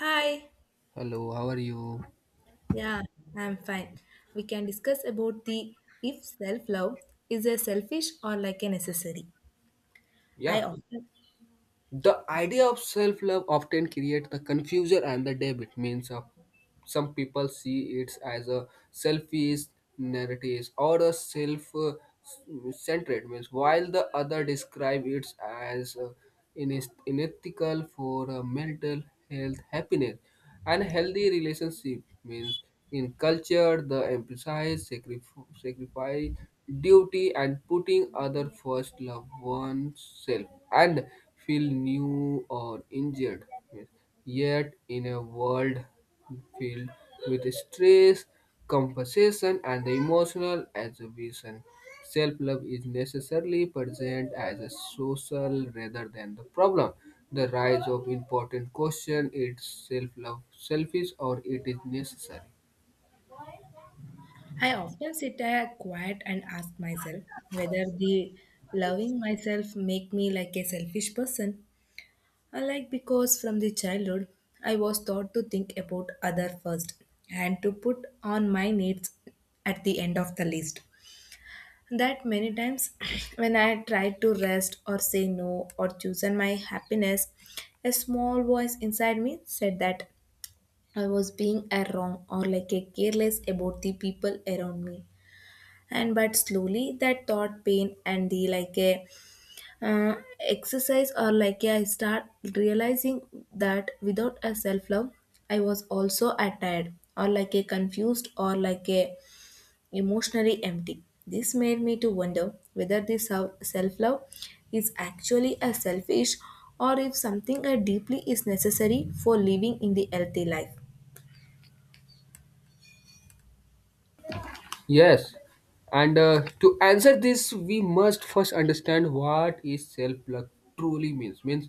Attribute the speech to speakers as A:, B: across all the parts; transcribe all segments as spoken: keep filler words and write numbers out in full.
A: Hi,
B: Hello, how are you?
A: yeah, I'm fine. We can discuss about the if self-love is a selfish or like a necessary. I
B: Yeah,
A: often
B: the idea of self love often creates the confusion and the debit. Means, uh, some people see it as a selfish narrative or a self uh, centered, means, while the other describe it as uh, ineth- unethical for uh, mental health happiness. And healthy relationship means in culture the emphasize sacrif- sacrifice, duty, and putting other first, love oneself, and feel new or injured. Yet in a world filled with stress, compensation, and the emotional exhibition. Self love is necessarily present as a social rather than the problem. The rise of important question is self love selfish or it is necessary?
A: I often sit a quiet and ask myself whether the loving myself make me like a selfish person, or like because from the childhood I was taught to think about other first and to put on my needs at the end of the list. That many times when I tried to rest or say no or chosen my happiness, a small voice inside me said that I was being a wrong or like a careless about the people around me. And but slowly that thought pain and the like a uh, exercise or like a, I start realizing that without a self love I was also attired or like a confused or like a emotionally empty. This made me to wonder whether this self love is actually a selfish, or if something I deeply is necessary for living in the healthy life.
B: Yes. And uh, to answer this, we must first understand what is self-love truly means, means,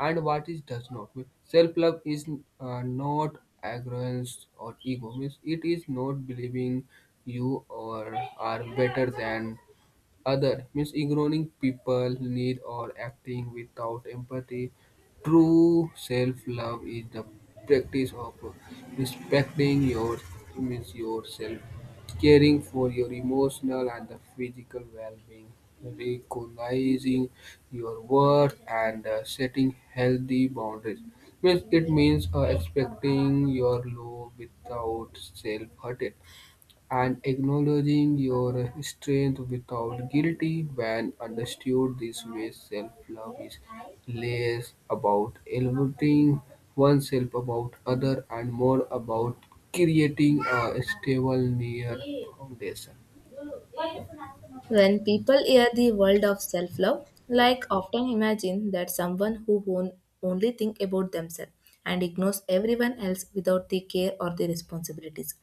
B: and what it does not mean. Self-love is uh, not arrogance or ego. Means it is not believing you or are better than other, means ignoring people need or acting without empathy. True self-love is the practice of respecting your, means yourself, caring for your emotional and the physical well-being, recognizing your worth, and uh, setting healthy boundaries. Means it means uh, expecting your love without self-hurting and acknowledging your strength without guilt. When understood this way, self-love is less about elevating oneself about other and more about creating a stable near foundation.
A: When people hear the world of self love, like often imagine that someone who on- only think about themselves and ignores everyone else without the care or the responsibilities.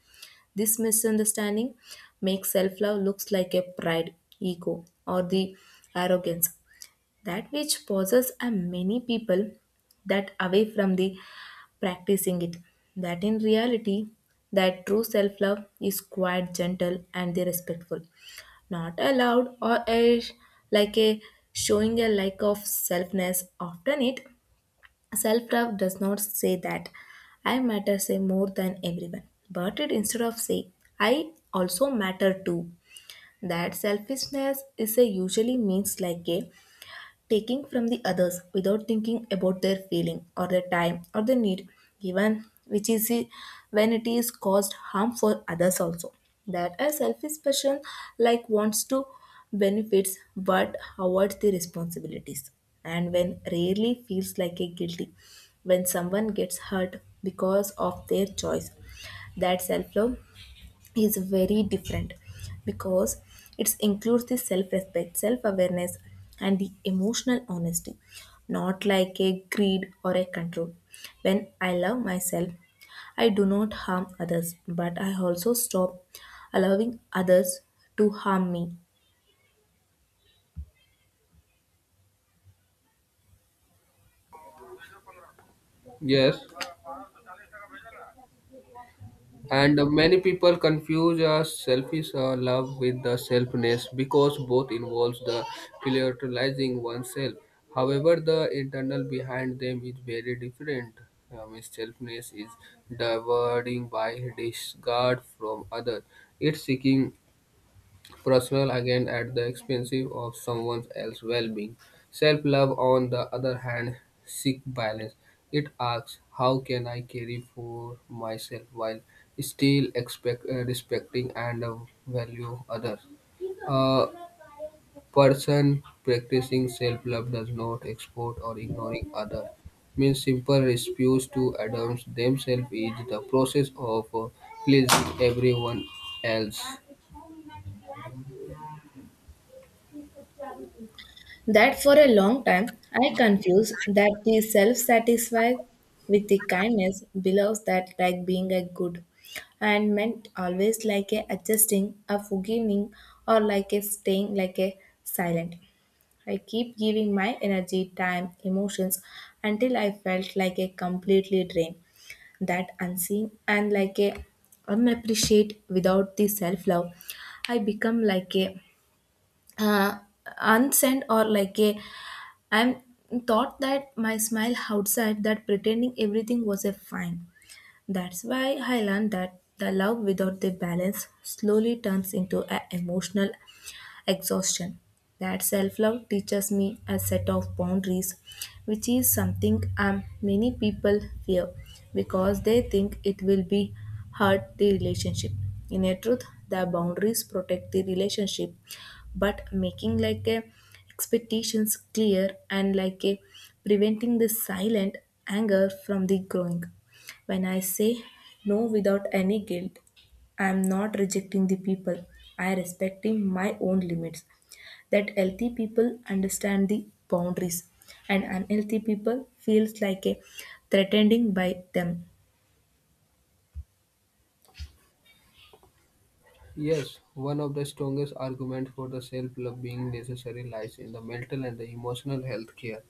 A: This misunderstanding makes self love looks like a pride, ego, or the arrogance, that which pauses a many people that away from the practicing it. That in reality, that true self love is quite gentle and the respectful, not allowed or a, like a showing a lack of selfness often it. Self love does not say that I matter say more than everyone, but it instead of say I also matter too. That selfishness is a usually means like a taking from the others without thinking about their feeling or their time or their need given, which is a- when it is caused harm for others also. That a selfish person like wants to benefits, but avoids the responsibilities, and when rarely feels like a guilty when someone gets hurt because of their choice. That self love is very different, because it includes the self-respect, self-awareness, and the emotional honesty, not like a greed or a control. When I love myself, I do not harm others, but I also stop allowing others to harm me.
B: Yes. And many people confuse uh, selfish uh, love with the selfness because both involves the prioritizing oneself. However, the internal behind them is very different. Um, selfness is diverting by disregard from others. It's seeking personal again at the expense of someone else's well-being. Self-love, on the other hand, seeks balance. It asks, how can I care for myself while still expect, uh, respecting and uh, value others? A person practicing self-love does not export or ignoring others. Means simple refuse to adapt themselves is the process of uh, pleasing everyone else.
A: That for a long time I confused that the self satisfied with the kindness belongs, that like being a good and meant always like a adjusting, a forgiving, or like a staying like a silent. I keep giving my energy, time, emotions until I felt like a completely drained, that unseen and like a unappreciate without the self love. I become like a uh, unsent or like a, I am thought that my smile outside that pretending everything was a fine. That's why I learned that the love without the balance slowly turns into an emotional exhaustion. That self love teaches me a set of boundaries, which is something um, many people fear because they think it will be hurt the relationship. In a truth, the boundaries protect the relationship, but making like a expectations clear and like a preventing the silent anger from the growing. When I say no without any guilt, I am not rejecting the people. I am respecting my own limits. That healthy people understand the boundaries, and unhealthy people feels like a threatening by them.
B: Yes, one of the strongest arguments for the self-love being necessary lies in the mental and the emotional health care,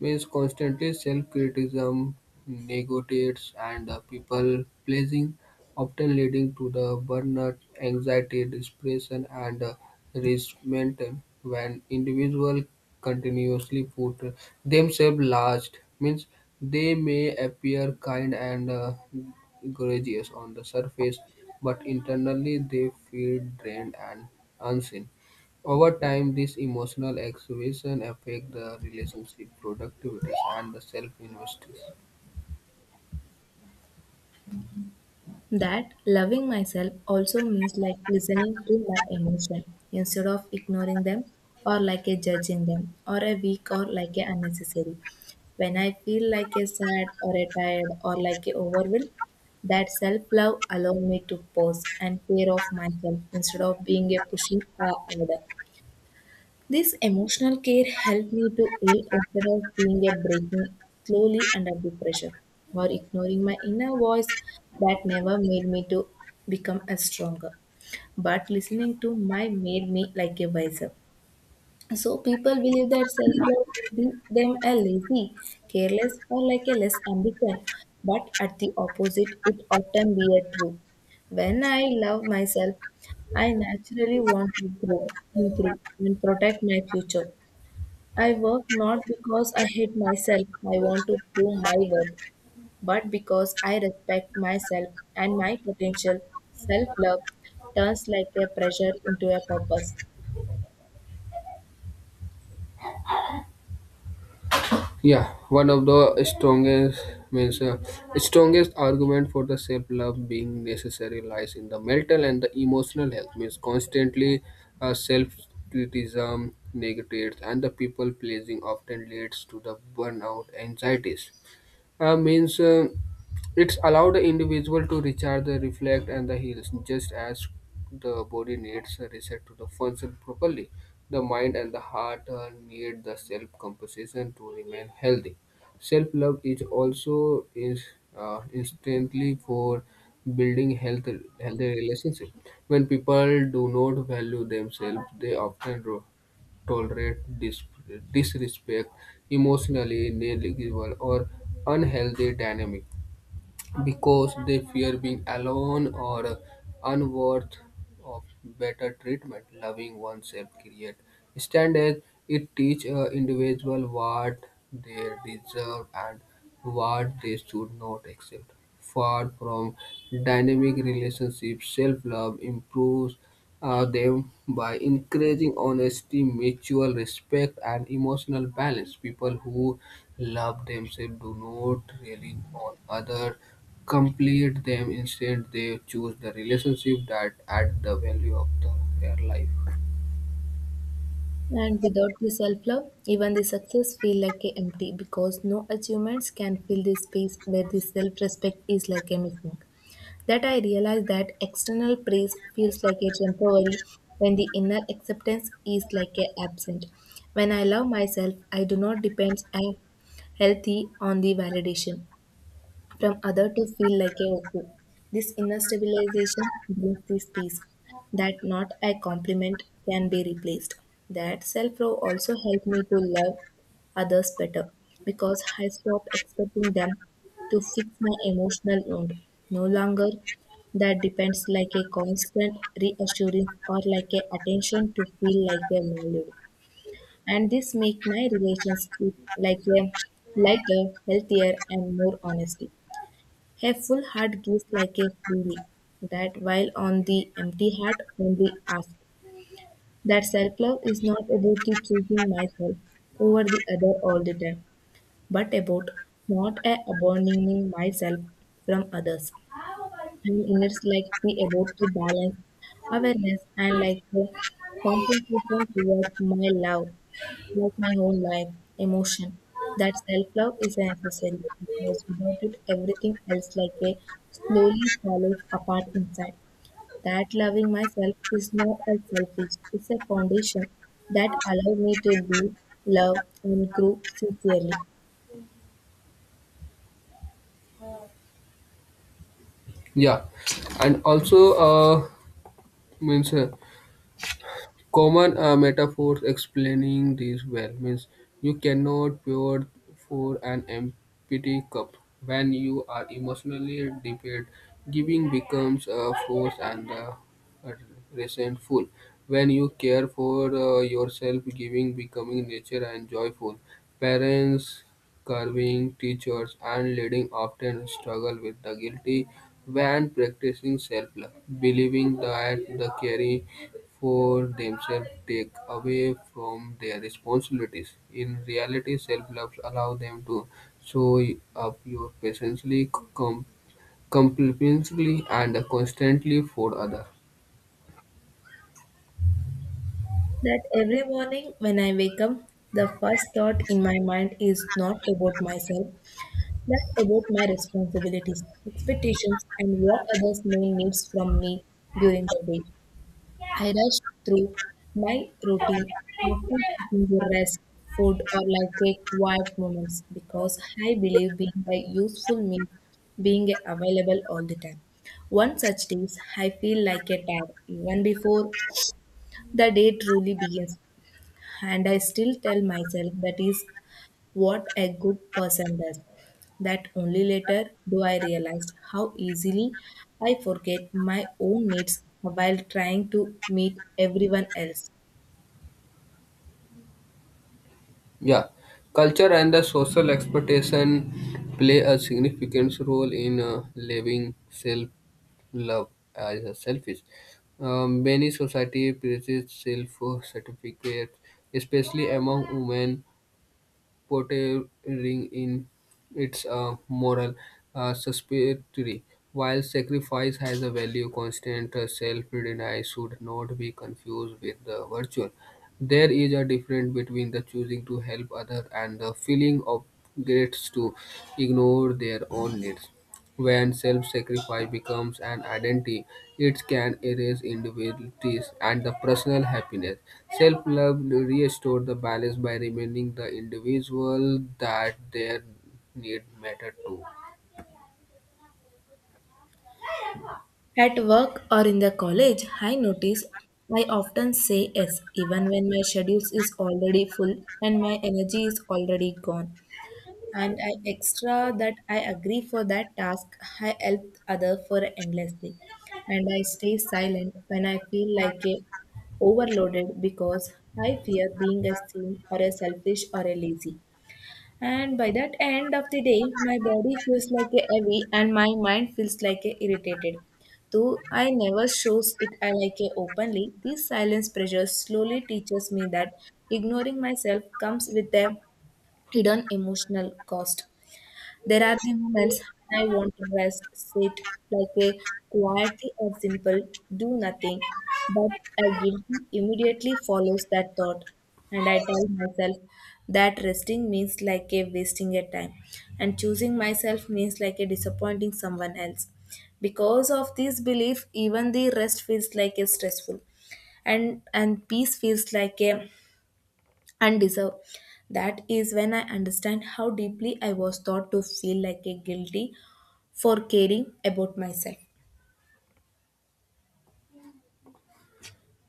B: means constantly self-criticism, negatives, and people-pleasing, often leading to the burnout, anxiety, depression, and uh, resentment when individuals continuously put themselves last. Means they may appear kind and uh, gracious on the surface, but internally they feel drained and unseen. Over time, this emotional exhibition affect the relationship, productivity, and the self-investors.
A: That loving myself also means like listening to my emotion instead of ignoring them, or like a judging them or a weak or like a unnecessary. When I feel like a sad or a tired or like a overwhelmed, that self love allow me to pause and care of myself instead of being a pushing uh, order. This emotional care helped me to heal instead of being a breaking slowly under the pressure or ignoring my inner voice, that never made me to become a stronger. But listening to my made me like a wiser. So people believe that self-love will be them a lazy, careless, or like a less ambition. But at the opposite, it often be a true. When I love myself, I naturally want to grow, improve, and protect my future. I work not because I hate myself, I want to prove my worth, but because I respect myself and my potential. Self love turns like a pressure into a purpose.
B: Yeah, one of the strongest means uh, strongest argument for the self-love being necessary lies in the mental and the emotional health. Means constantly uh, self-criticism, negatives, and the people pleasing often leads to the burnout, anxieties, uh, means um it's allowed the individual to recharge the reflect and the heals, just as the body needs a reset to the function properly. The mind and the heart uh, need the self compensation to remain healthy. Self love is also is uh, instantly for building health healthy relationship. When people do not value themselves, they often ro- tolerate dis- disrespect, emotionally negligible, or unhealthy dynamic because they fear being alone or unworth of better treatment. Loving oneself create standards. It teach a individual what they deserve and what they should not accept. Far from dynamic relationships, self-love improves uh, them by encouraging honesty, mutual respect, and emotional balance. People who love themselves do not rely on others, complete them. Instead, they choose the relationship that add the value of the, their life.
A: And without the self love, even the success feel like a empty, because no achievements can fill the space where the self respect is like a missing. That I realize that external praise feels like a temporary when the inner acceptance is like a absent. When I love myself, I do not depend on healthy on the validation from other to feel like a whole. This inner stabilization brings this peace that not a compliment can be replaced. That self love also helped me to love others better, because I stopped expecting them to fix my emotional wound. No longer that depends like a constant reassurance or like a attention to feel like a valued. And this make my relations like a lighter, healthier, and more honesty. A full heart gives like a feeling, that while on the empty heart only asks, that self love is not about the choosing myself over the other all the time, but about not a abandoning myself from others. And in it's like be about to balance awareness and like the compensation towards my love, like my whole life, emotion. That self love is necessary, because without it, everything else, like a slowly falls apart inside. That loving myself is not a selfish, it's a foundation that allows me to live, love, and grow sincerely.
B: Yeah, and also uh, means. Uh, Common uh, metaphors explaining this well, means you cannot pour for an empty cup. When you are emotionally depleted, giving becomes a force and uh, resentful. When you care for uh, yourself, giving becoming nature and joyful. Parents carving teachers and leaders often struggle with the guilty when practicing self-love, believing that the caring for themselves take away from their responsibilities. In reality, self-love allows them to show up your patiently, com- compassionately, and constantly for others.
A: That every morning when I wake up, the first thought in my mind is not about myself, but about my responsibilities, expectations, and what others may need from me during the day. I rush through my routine, often seeking the rest, food, or like a quiet moments, because I believe being a useful means being available all the time. One such days, I feel like a tired even before the day truly begins, and I still tell myself that is what a good person does. That only later do I realize how easily I forget my own needs while trying to meet everyone else.
B: Yeah, culture and the social expectation play a significant role in uh, living self love as a selfish. Um, many society praises self certificates, especially among women portraying in its uh, moral uh, suspiratory. While sacrifice has a value, constant uh, self-denial should not be confused with the virtue. There is a difference between the choosing to help others and the feeling of guilt to ignore their own needs. When self-sacrifice becomes an identity, it can erase individualities and the personal happiness. Self-love restores the balance by reminding the individual that their need matter too.
A: At work or in the college, I notice I often say yes even when my schedule is already full and my energy is already gone. And I extra that I agree for that task. I help other for endlessly, and I stay silent when I feel like a overloaded, because I fear being a seen or a selfish or a lazy. And by that end of the day, my body feels like a heavy and my mind feels like a irritated. Though I never shows it I like a openly, this silence pressure slowly teaches me that ignoring myself comes with a hidden emotional cost. There are the moments when I want to rest, sit like a quietly or simple, do nothing, but I guilty immediately follows that thought. And I tell myself that resting means like a wasting a time, and choosing myself means like a disappointing someone else. Because of this belief, even the rest feels like a stressful, and and peace feels like a and deserve. That is when I understand how deeply I was taught to feel like a guilty for caring about myself.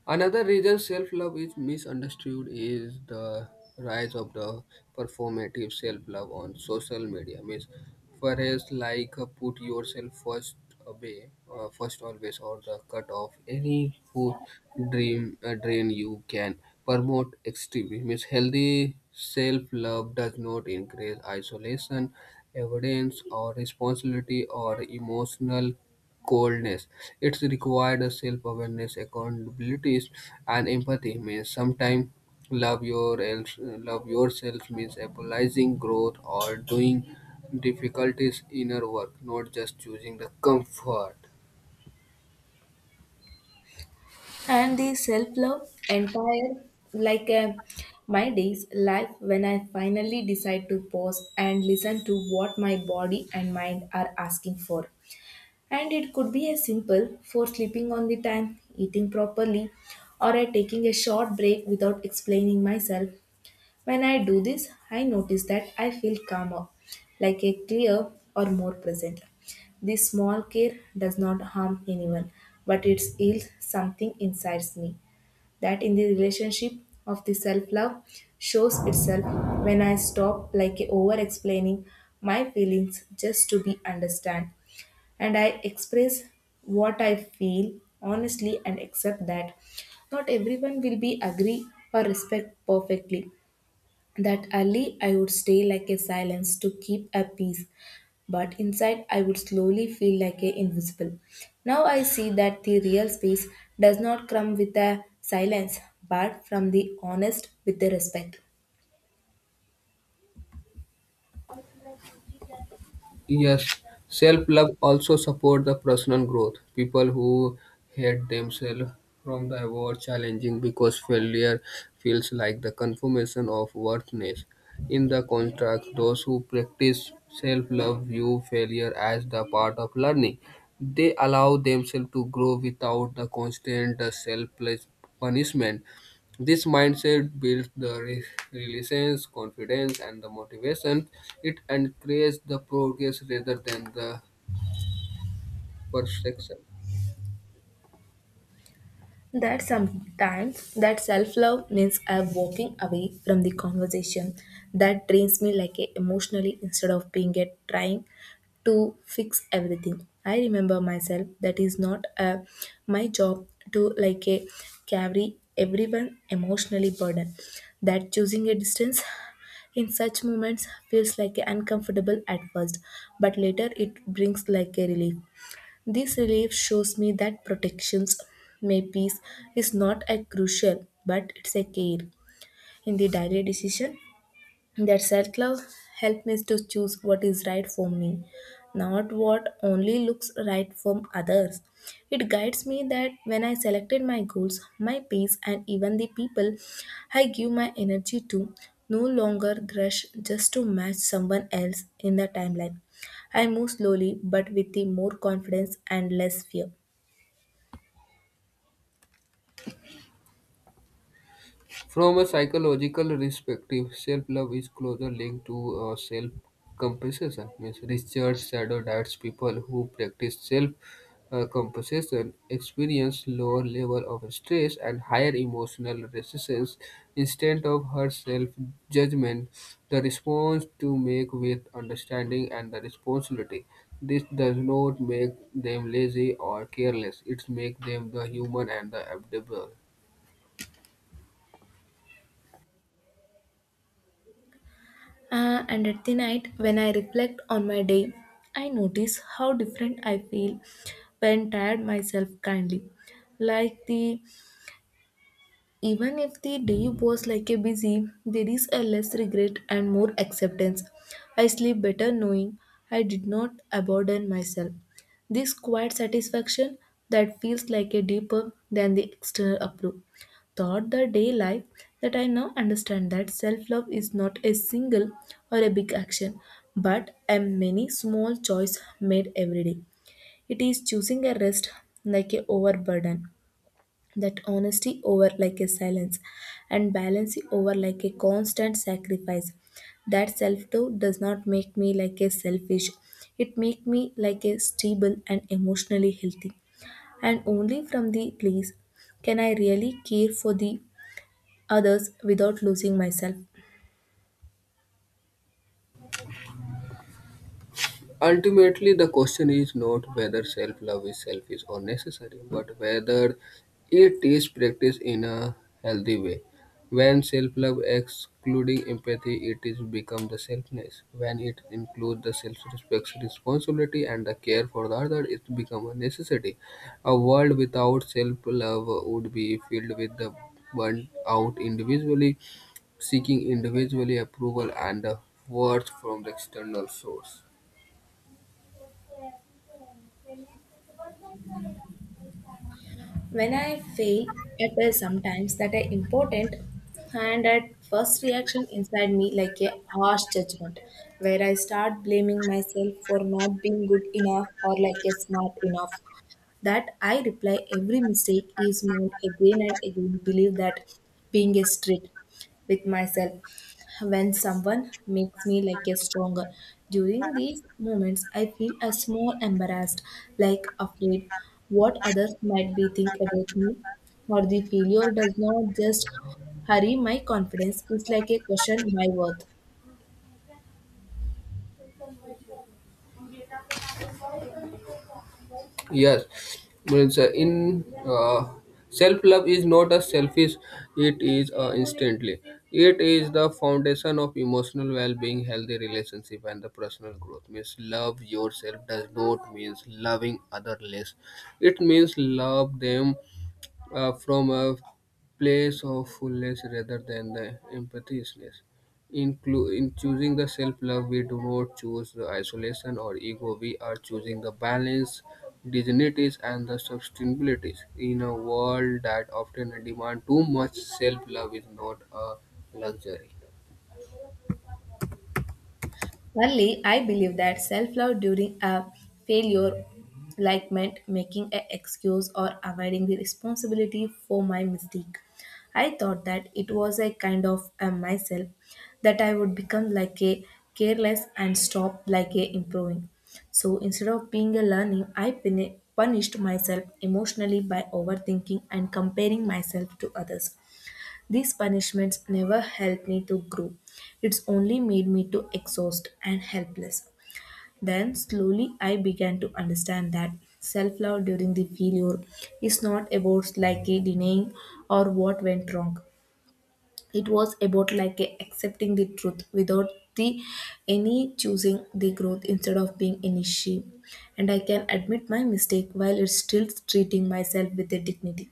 B: Another reason self-love is misunderstood is the rise of the performative self-love on social media. Means, whereas like uh, put yourself first away, uh, first always, or the cut off any who dream uh, drain you can promote extremely. Means healthy self-love does not encourage isolation, avoidance, or responsibility or emotional coldness. It's required a self-awareness, accountability, and empathy. Means sometimes love your else- love yourself means apologizing growth or doing difficulties inner work, not just choosing the comfort.
A: And the self love entire like uh, my day's life when I finally decide to pause and listen to what my body and mind are asking for. And it could be as simple for sleeping on the time, eating properly, or at taking a short break without explaining myself. When I do this, I notice that I feel calmer, like a clear or more present. This small care does not harm anyone, but it heals something inside me. That in the relationship of the self love shows itself when I stop like over explaining my feelings just to be understood, and I express what I feel honestly and accept that not everyone will be agree or respect perfectly. That early I would stay like a silence to keep a peace, but inside I would slowly feel like a invisible. Now I see that the real space does not come with a silence, but from the honest with the respect.
B: Yes, self-love also support the personal growth. People who hate themselves from the avoid challenging because failure feels like the confirmation of worthiness. In the contrast, those who practice self-love view failure as the part of learning. They allow themselves to grow without the constant self-punishment. This mindset builds the re- resilience, confidence, and the motivation. It encourages the progress rather than the perfection.
A: That sometimes that self-love means I'm walking away from the conversation that drains me like a emotionally, instead of being a trying to fix everything. I remember myself that is not uh, my job to like a carry everyone emotionally burden. That choosing a distance in such moments feels like a uncomfortable at first, but later it brings like a relief. This relief shows me that protections may peace is not a crucial, but it's a care. In the daily decision, that self love helped me to choose what is right for me, not what only looks right from others. It guides me that when I selected my goals, my peace, and even the people I give my energy to, no longer rush just to match someone else in the timeline. I move slowly but with the more confidence and less fear.
B: From a psychological perspective, self-love is closely linked to uh, self-compassion. Means Richard Shadow diets people who practice self-compassion experience lower level of stress and higher emotional resistance instead of her self-judgment. The response to make with understanding and the responsibility. This does not make them lazy or careless. It makes them the human and the adaptable.
A: Uh, and at the night, when I reflect on my day, I notice how different I feel when tired myself kindly. Like the Even if the day was like a busy, there is a less regret and more acceptance. I sleep better knowing I did not abandon myself. This quiet satisfaction that feels like a deeper than the external approval. Thought the day life that I now understand that self love is not a single or a big action, but a many small choice made every day. It is choosing a rest like a overburden, that honesty over like a silence, and balance over like a constant sacrifice. That self doubt does not make me like a selfish, it make me like a stable and emotionally healthy, and only from the place can I really care for the others without losing myself.
B: Ultimately, the question is not whether self love is selfish or necessary, but whether it is practiced in a healthy way. When self love excluding empathy, it is become the selfness. When it includes the self respect, responsibility, and the care for the other, it become a necessity. A world without self love would be filled with the burnt out individually, seeking individually approval and uh, worth from the external source.
A: When I fail I feel sometimes that are important, and at first reaction inside me like a harsh judgment, where I start blaming myself for not being good enough or like a smart enough. That I reply every mistake is made again and again, believe that being a strict with myself when someone makes me like a stronger. During these moments, I feel a small embarrassed, like afraid what others might be think about me, or the failure does not just hurry my confidence. It's like a question my worth.
B: Yes, means uh, in uh, self love is not a selfish; it is uh, instantly. It is the foundation of emotional well-being, healthy relationship, and the personal growth. Means love yourself does not means loving other less. It means love them uh, from a place of fullness rather than the emptiness. In, clu- in choosing the self love, we do not choose the isolation or ego, we are choosing the balance, dignities, and the sustainability. In a world that often demand too much, self love is not a luxury.
A: Only I believe that self love during a failure like meant making an excuse or avoiding the responsibility for my mistake. I thought that it was a kind of a myself that I would become like a careless and stop like a improving. So instead of being a learning, I puni- punished myself emotionally by overthinking and comparing myself to others. These punishments never helped me to grow. It's only made me to exhaust and helpless. Then slowly I began to understand that self-love during the failure is not about like a denying or what went wrong. It was about like a accepting the truth without the any choosing the growth instead of being any shame. And I can admit my mistake while it's still treating myself with a dignity.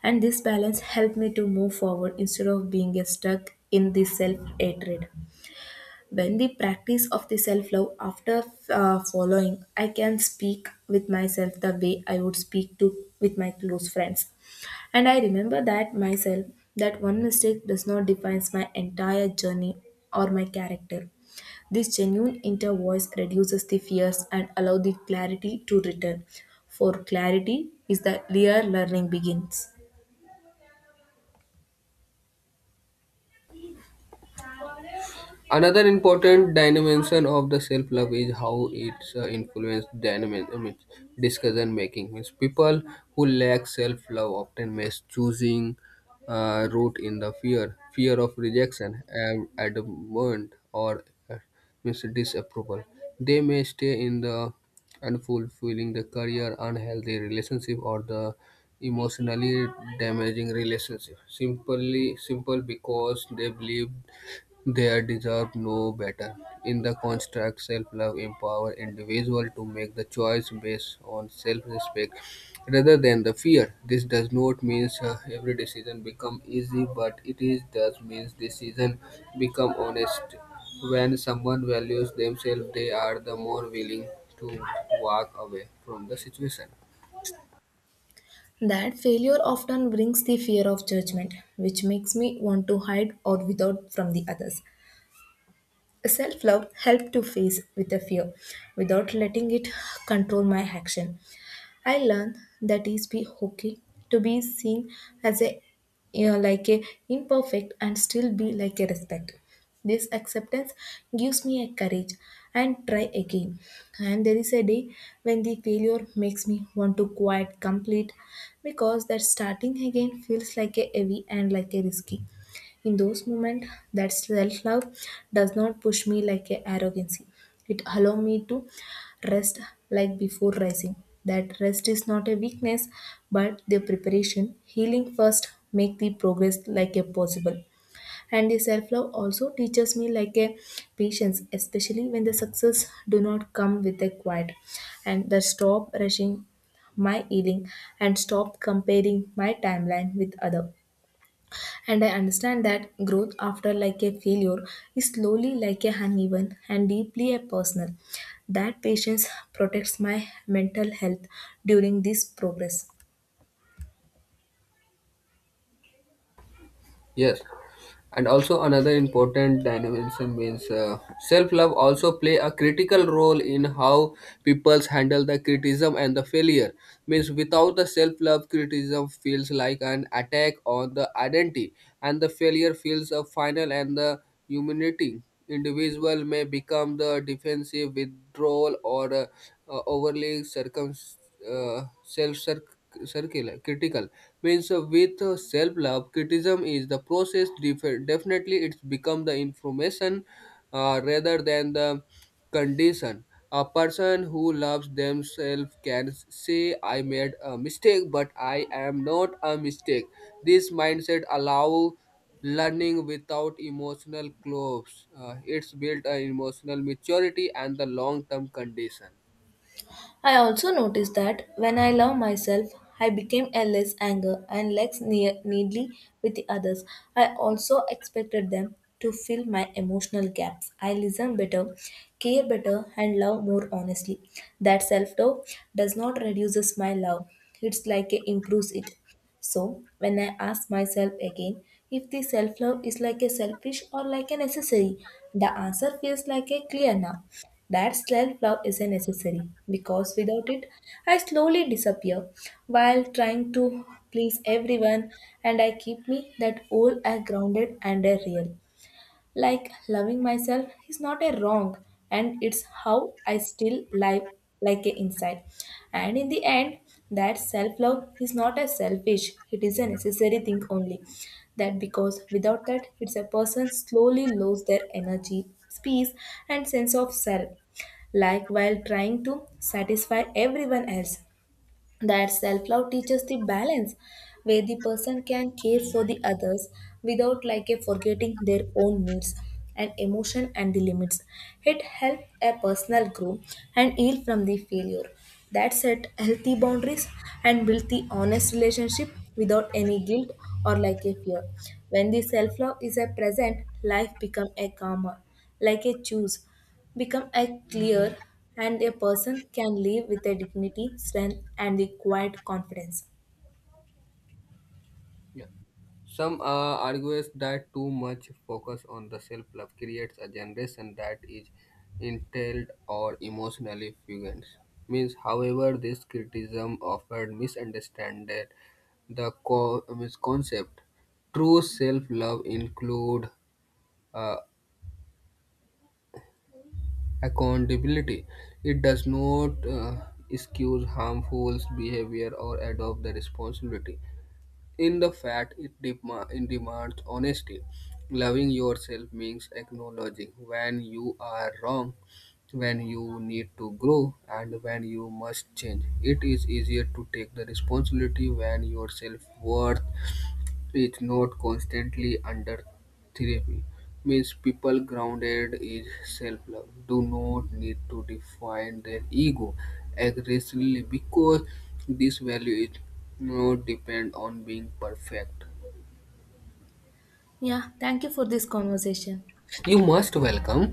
A: And this balance helped me to move forward instead of being stuck in the self hatred. When the practice of the self love after uh, following, I can speak with myself the way I would speak to with my close friends. And I remember that myself that one mistake does not define my entire journey or my character. This genuine inner voice reduces the fears and allow the clarity to return. For clarity is the real learning begins.
B: Another important dimension of the self-love is how it's uh, influenced dynamic I mean, discussion making. Means people who lack self-love often miss choosing uh, root in the fear, fear of rejection, and abandonment, or uh, failure means disapproval. They may stay in the unfulfilling the career, unhealthy relationship, or the emotionally damaging relationship. Simply Simple because they believe they deserve no better. In the construct, self-love empower individual to make the choice based on self-respect rather than the fear. This does not mean uh, every decision become easy, but it is does means decision become honest. When someone values themselves, they are the more willing to walk away from the situation.
A: That failure often brings the fear of judgment, which makes me want to hide or without from the others. Self love helps to face with the fear without letting it control my action. I learned that is be okay to be seen as a you know, like a imperfect and still be like a respect. This acceptance gives me a courage and try again. And there is a day when the failure makes me want to quit complete because that starting again feels like a heavy and like a risky. In those moments, that self love does not push me like a arrogancy. It allows me to rest like before rising. That rest is not a weakness, but the preparation, healing first, make the progress like a possible. And the self-love also teaches me like a patience, especially when the success do not come with a quiet. And the stop rushing my healing and stop comparing my timeline with other, and I understand that growth after like a failure is slowly like a uneven and deeply a personal. That patience protects my mental health during this progress.
B: Yes, and also another important dimension means uh, self-love also play a critical role in how peoples handle the criticism and the failure. Means without the self-love, criticism feels like an attack on the identity, and the failure feels a final and the humiliating. Individual may become the defensive withdrawal or uh, uh, overly circum uh, self circular critical, means uh, with uh, self-love criticism is the process def- definitely it's become the information uh, rather than the condition. A person who loves themselves can say I made a mistake but I am not a mistake. This mindset allow learning without emotional clothes. Uh, it's built an emotional maturity and the long-term condition.
A: I also noticed that when I love myself, I became a less anger and less ne- needly with the others. I also expected them to fill my emotional gaps. I listen better, care better, and love more honestly. That self doubt does not reduces my love. It's like it improves it. So when I ask myself again if the self love is like a selfish or like a necessary, the answer feels like a clear now. That self love is a necessary because without it, I slowly disappear while trying to please everyone, and I keep me that old, I grounded and a real. Like loving myself is not a wrong, and it's how I still live like a inside. And in the end, that self-love is not a selfish, it is a necessary thing only. That because without that, it's a person slowly lose their energy, peace and sense of self like while trying to satisfy everyone else. That self-love teaches the balance where the person can care for the others without like a forgetting their own needs and emotion and the limits. It helps a personal grow and heal from the failure, that set healthy boundaries and build the honest relationship without any guilt or like a fear. When the self-love is a present life become a calmer, like a choose become a clear, and a person can live with a dignity, strength, and the quiet confidence.
B: Yeah. Some uh, argues that too much focus on the self-love creates a generation that is entitled or emotionally fugant. Means, however, this criticism often misunderstands the co- means concept. True self-love include uh, accountability. It does not uh, excuse harmful behavior or adopt the responsibility. In the fact, it, dema- it demands honesty. Loving yourself means acknowledging when you are wrong, when you need to grow, and when you must change. It is easier to take the responsibility when your self worth is not constantly under therapy. Means people grounded is self-love do not need to define their ego aggressively because this value is not depend on being perfect.
A: Yeah, thank you for this conversation.
B: You must welcome.